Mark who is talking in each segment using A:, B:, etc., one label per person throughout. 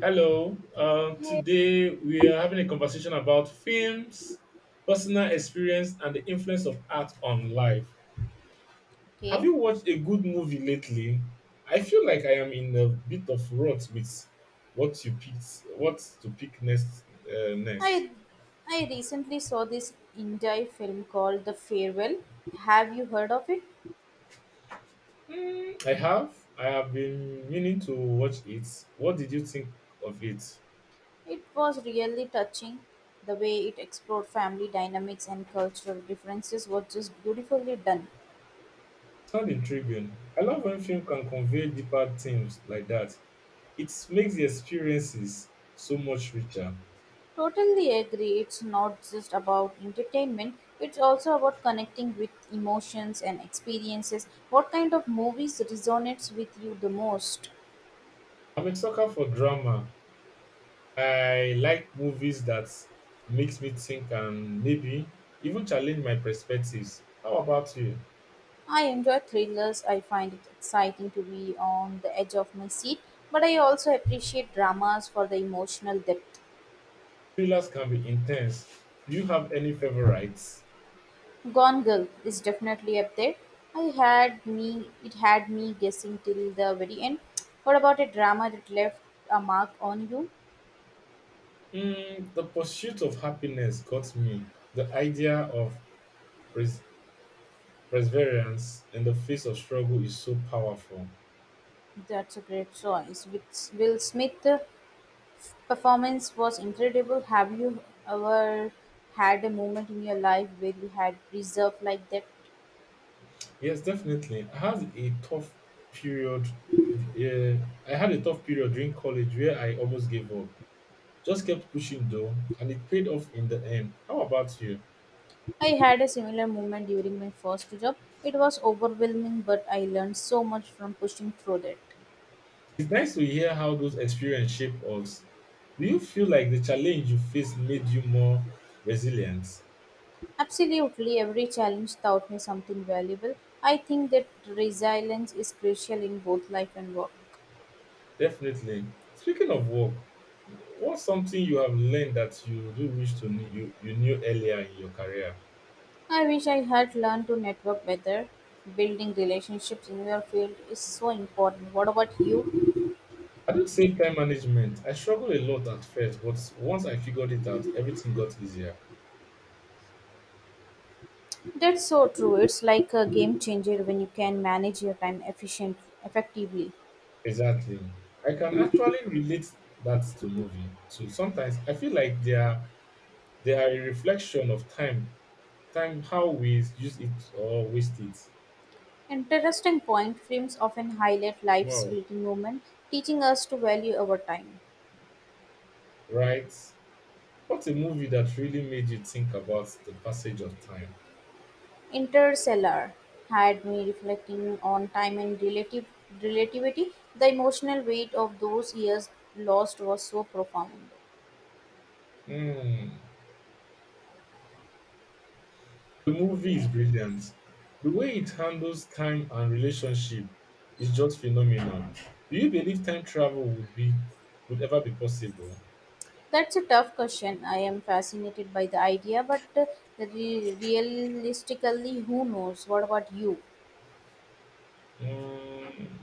A: Hello.
B: Hey.
A: Today we are having a conversation about films, personal experience, and the influence of art on life. Have
B: Okay.
A: you watched a good movie lately? I feel like I am in a bit of rut with what you picked, what to pick next.
B: I I recently saw this Indie film called The Farewell. Have you heard of it?
A: I have. I have been meaning to watch it. What did you think of it?
B: It was really touching. The way it explored family dynamics and cultural differences was just beautifully done.
A: Sound intriguing. I love when film can convey deeper themes like that. It makes the experiences so much richer.
B: Totally agree. It's not just about entertainment. It's also about connecting with emotions and experiences. What kind of movies resonates with you the most?
A: I'm a sucker for drama. I like movies that makes me think and maybe even challenge my perspectives. How about you?
B: I enjoy thrillers. I find it exciting to be on the edge of my seat, but I also appreciate dramas for the emotional depth.
A: Thrillers can be intense. Do you have any favorites?
B: Gone Girl is definitely up there. I had me It had me guessing till the very end. What about a drama that left a mark on you?
A: Mm, the Pursuit of Happiness got me. The idea of pres- perseverance in the face of struggle is so powerful.
B: That's a great choice. With Will Smith, performance was incredible. Have you ever had a moment in your life where you had preserved like that?
A: Yes, definitely. I had a tough period. Uh, I had a tough period during college where I almost gave up. Just kept pushing though, and it paid off in the end. How about you?
B: I had a similar moment during my first job. It was overwhelming, but I learned so much from pushing through it.
A: It's nice to hear how those experiences shape us. Do you feel like the challenge you faced made you more resilient?
B: Absolutely, every challenge taught me something valuable. I think that resilience is crucial in both life and work.
A: Definitely. Speaking of work, what's something you have learned that you do wish to you knew earlier in your career?
B: I wish I had learned to network better. Building relationships in your field is so important. What about you?
A: I do say time management. I struggled a lot at first, but once I figured it out, everything got easier.
B: That's so true. It's like a game changer when you can manage your time effectively.
A: Exactly. I can actually relate that to movie. So sometimes I feel like there are they are a reflection of time, time how we use it or waste it.
B: Interesting point films often highlight life's
A: Wow,
B: fleeting moments, teaching us to value our time.
A: right? What a movie that really made you think about the passage of time.
B: Interstellar had me reflecting on time and relative relativity. The emotional weight of those years lost was so profound.
A: Hmm. The movie is brilliant. The way it handles time and relationship is just phenomenal. Do you believe time travel would be would ever be possible?
B: That's a tough question. I am fascinated by the idea, but realistically, who knows? What about you?
A: Mm,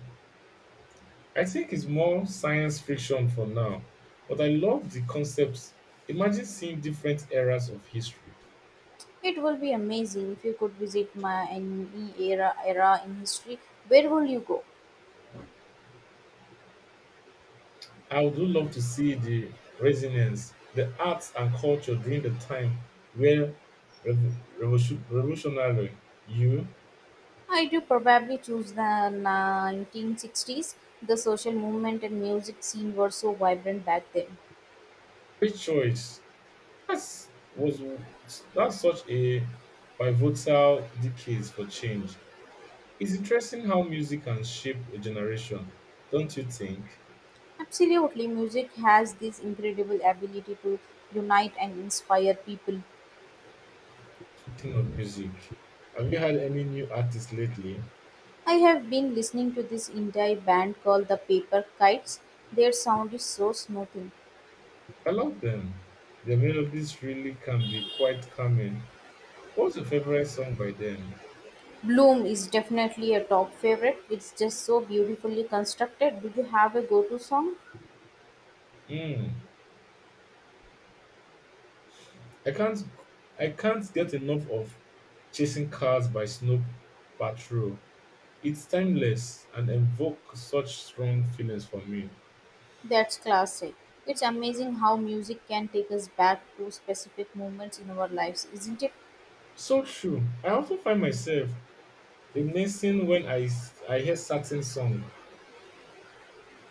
A: I think it's more science fiction for now, but I love the concepts. Imagine seeing different eras of history.
B: It will be amazing if you could visit my any era in history. Where will you go?
A: I would really love to see the resilience, the arts and culture during the time where revolutionary you
B: I do probably choose the 1960s. The social movement and music scene were so vibrant back then.
A: free choice. That's was that's such a pivotal decades for change. It's interesting how music can shape a generation, don't you think?
B: Absolutely, music has this incredible ability to unite and inspire people.
A: Speaking of music, have you had any new artists lately?
B: I have been listening to this indie band called the Paper Kites. Their sound is so smoothing.
A: I love them. Their melodies really can be quite calming. What's your favorite song by them?
B: Bloom is definitely a top favorite. It's just so beautifully constructed. Do you have a go to song?
A: Mm. I can't I can't get enough of Chasing Cars by Snow Patrol. It's timeless and evokes such strong feelings for me.
B: That's classic. It's amazing how music can take us back to specific moments in our lives, isn't it?
A: So true. I often find myself reminiscing when I hear certain song.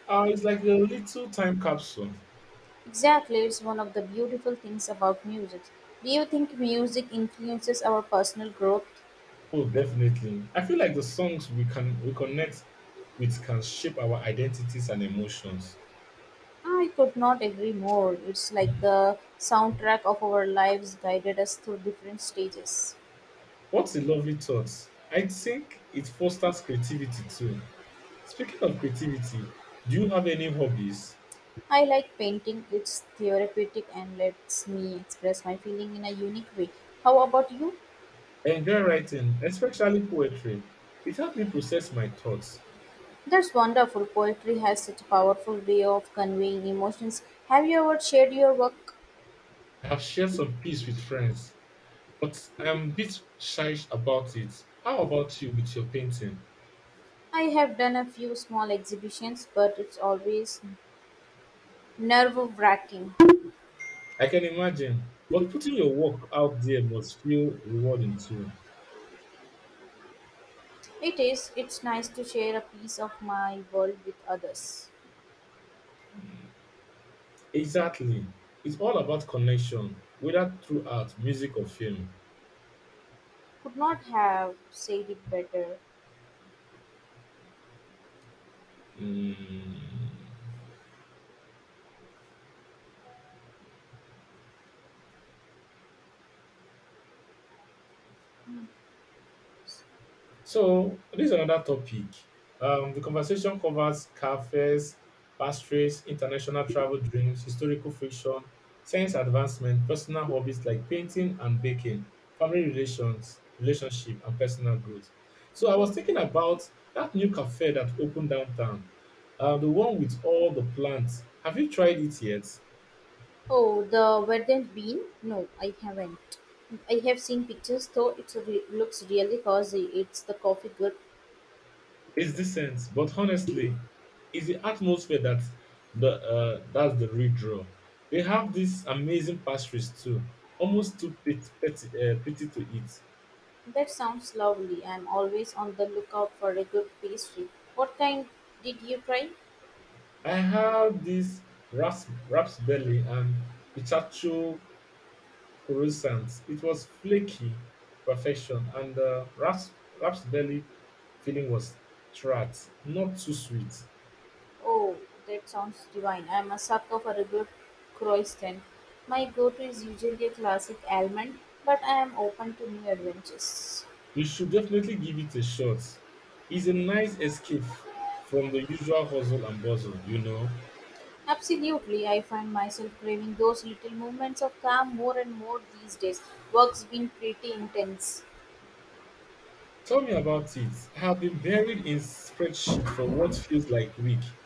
A: It's like a little time capsule.
B: Exactly, it's one of the beautiful things about music. Do you think music influences our personal growth?
A: Oh, definitely. I feel like the songs we connect with can shape our identities and emotions.
B: I could not agree more. It's like the soundtrack of our lives guided us through different stages.
A: What a lovely thought. I think it fosters creativity too. Speaking of creativity, do you have any hobbies?
B: I like painting, it's therapeutic and lets me express my feeling in a unique way. How about you?
A: I enjoy writing, especially poetry. It helps me process my thoughts.
B: That's wonderful. Poetry has such a powerful way of conveying emotions. Have you ever shared your work?
A: I have shared some peace with friends, but I am a bit shy about it. How about you with your painting?
B: I have done a few small exhibitions, but it's always nerve wracking.
A: I can imagine, but putting your work out there must feel rewarding too.
B: It is. It's nice to share a piece of my world with others.
A: Exactly. It's all about connection, whether through art, music, or film.
B: Could not have said it better.
A: Mm. So this is another topic. The conversation covers car fares, pastries, international travel dreams, historical friction, science advancement, personal hobbies like painting and baking, family relations, relationship, and personal growth. So I was thinking about that new cafe that opened downtown, the one with all the plants. Have you tried it yet?
B: Oh, the verdant bean? No, I haven't. I have seen pictures, though it looks really cozy. It's the coffee good?
A: It's decent, but honestly, it's the atmosphere that's the real draw. They have these amazing pastries too, almost too pretty to eat.
B: That sounds lovely. I'm always on the lookout for a good pastry. What kind did you try?
A: I have this raspberry and pistachio croissant. It was flaky perfection, and the raspberry filling was tart, not too sweet.
B: Oh, that sounds divine. I'm a sucker for a good croissant. My go-to is usually a classic almond, but I am open to new adventures.
A: You should definitely give it a shot. It's a nice escape from the usual hustle and bustle.
B: Absolutely, I find myself craving those little moments of calm more and more these days. Work's been pretty intense.
A: Tell me about it. I have been buried in spreadsheet for what feels like week.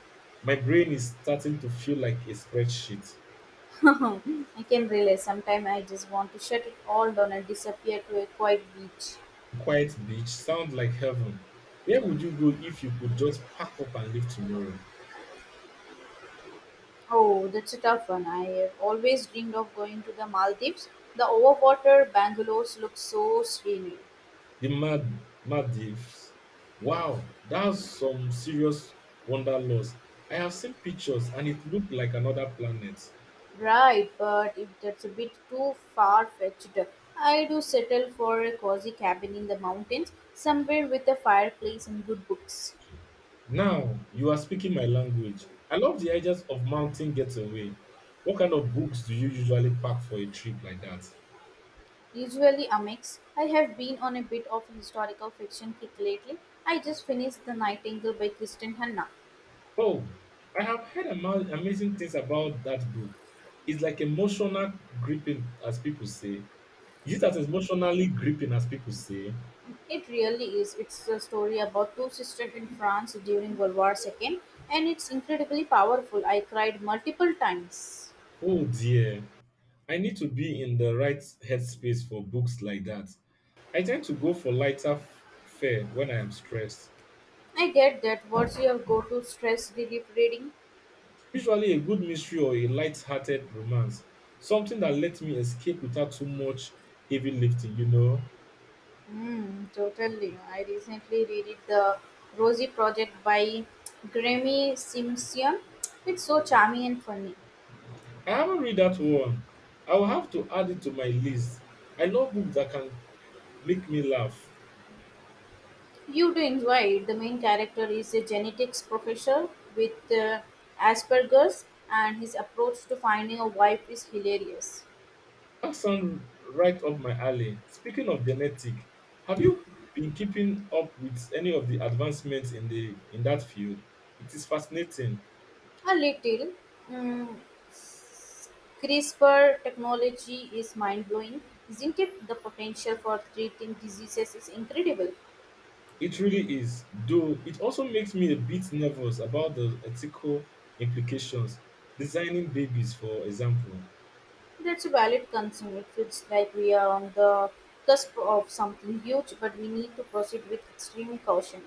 A: My brain is starting to feel like a spreadsheet.
B: I can realize sometimes I just want to shut it all down and disappear to a quiet beach.
A: Quiet beach sounds like heaven. Where would you go if you could just pack up and leave tomorrow?
B: Oh, that's a tough one. I have always dreamed of going to the Maldives. The overwater bungalows look so scenic.
A: The Mad Maldives. Wow, that's some serious wanderlust. I have seen pictures and it looked like another planet.
B: Right, but if that's a bit too far fetched, I do settle for a cozy cabin in the mountains, somewhere with a fireplace and good books.
A: Now you are speaking my language. I love the ideas of mountain getaway. What kind of books do you usually pack for a trip like that?
B: Usually a mix. I have been on a bit of a historical fiction kick lately. I just finished The Nightingale by Kristen Hanna.
A: Oh, I have heard amazing things about that book. It's like emotional gripping, as people say. Is it as emotionally gripping as people say?
B: It really is. It's a story about two sisters in France during World War II, and it's incredibly powerful. I cried multiple times.
A: Oh dear, I need to be in the right headspace for books like that. I tend to go for lighter fare when I am stressed.
B: I get that. What's your go to stress relief reading?
A: Usually a good mystery or a light-hearted romance, something that lets me escape without too much heavy lifting.
B: Hmm, totally. I recently read The Rosie Project by Grammy Simpson. It's so charming and funny.
A: I haven't read that one. I will have to add it to my list. I love books that can make me laugh.
B: You do enjoy it. The main character is a genetics professor with Asperger's, and his approach to finding a wife is hilarious.
A: That sounds right up my alley. Speaking of genetic, have you been keeping up with any of the advancements in the in that field? It is fascinating.
B: A little. Mm, s- CRISPR technology is mind blowing, isn't it? The potential for treating diseases is incredible.
A: It really is, though it also makes me a bit nervous about the ethical implications. Designing babies, for example.
B: That's a valid concern. It feels like we are on the cusp of something huge, but we need to proceed with extreme caution.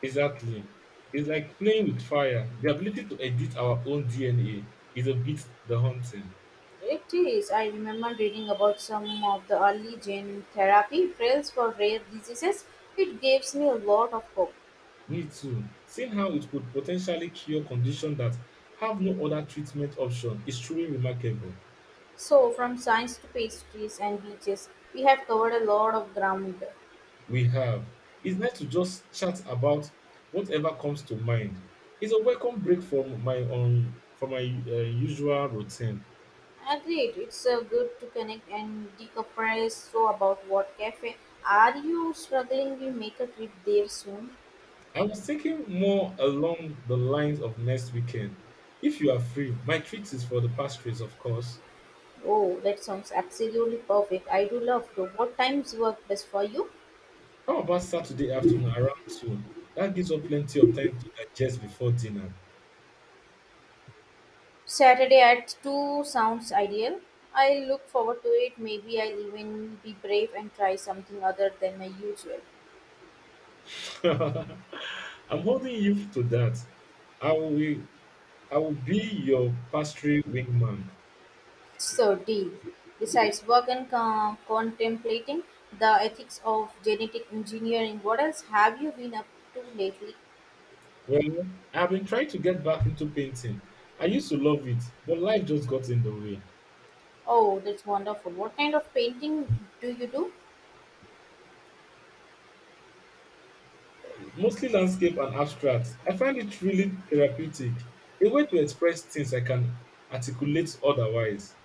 A: Exactly. It's like playing with fire. The ability to edit our own DNA is a bit the haunting.
B: It is. I remember reading about some of the early gene therapy trials for rare diseases. It gives me a lot of hope.
A: Me too. Seeing how it could potentially cure conditions that have no other treatment option is truly remarkable.
B: So, from science to pastries and beaches, we have covered a lot of ground.
A: We have. It's nice to just chat about whatever comes to mind. It's a welcome break from my own from my usual routine.
B: Agreed. It's good to connect and decompress. So, about what cafe are you struggling? We make a trip there soon.
A: I was thinking more along the lines of next weekend. If you are free, my treat is for the pastries, of course.
B: Oh, that sounds absolutely perfect. I do love to. What times work best for you?
A: How about Saturday afternoon around 2? That gives us plenty of time to digest before dinner.
B: Saturday at 2 sounds ideal. I look forward to it. Maybe I'll even be brave and try something other than my usual.
A: I'm holding you to that. I will I will be your pastry wingman.
B: So, deal. Besides work and contemplating the ethics of genetic engineering, what else have you been up to lately?
A: Well, I've been trying to get back into painting. I used to love it, but life just got in the way.
B: Oh, that's wonderful. What kind of painting do you do?
A: Mostly landscape and abstract. I find it really therapeutic, a way to express things I can articulate otherwise.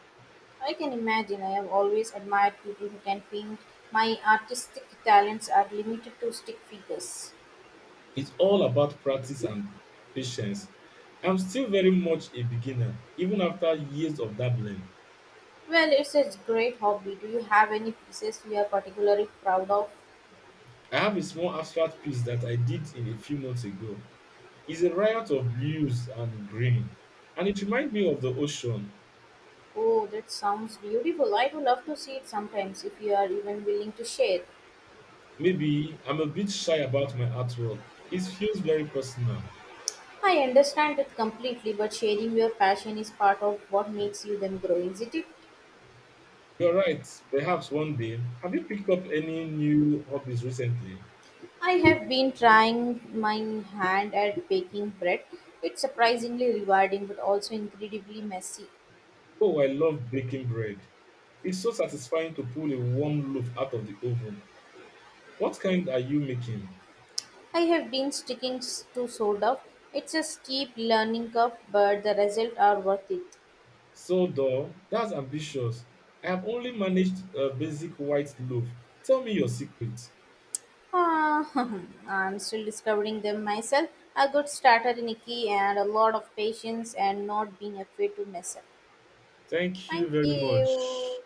B: I can imagine. I have always admired people who can paint. My artistic talents are limited to stick figures.
A: It's all about practice and patience. I'm still very much a beginner, even after years of dabbling.
B: Well, it's a great hobby. Do you have any pieces you are particularly proud of?
A: I have a small abstract piece that I did in a few months ago. It's a riot of blues and green, and it reminds me of the ocean.
B: Oh, that sounds beautiful. I would love to see it sometimes if you are even willing to share.
A: Maybe I'm a bit shy about my artwork. It feels very personal.
B: I understand it completely, but sharing your passion is part of what makes you them grow, isn't it?
A: You're right, perhaps one day. Have you picked up any new hobbies recently?
B: I have been trying my hand at baking bread. It's surprisingly rewarding but also incredibly messy.
A: Oh, I love baking bread. It's so satisfying to pull a warm loaf out of the oven. What kind are you making?
B: I have been sticking to sourdough. It's a steep learning curve, but the results are worth it.
A: So, though, that's ambitious. I have only managed a basic white loaf. Tell me your secret.
B: Ah, I'm still discovering them myself. A good starter in a key and a lot of patience and not being afraid to mess up.
A: Thank you
B: Thank
A: very much.
B: you.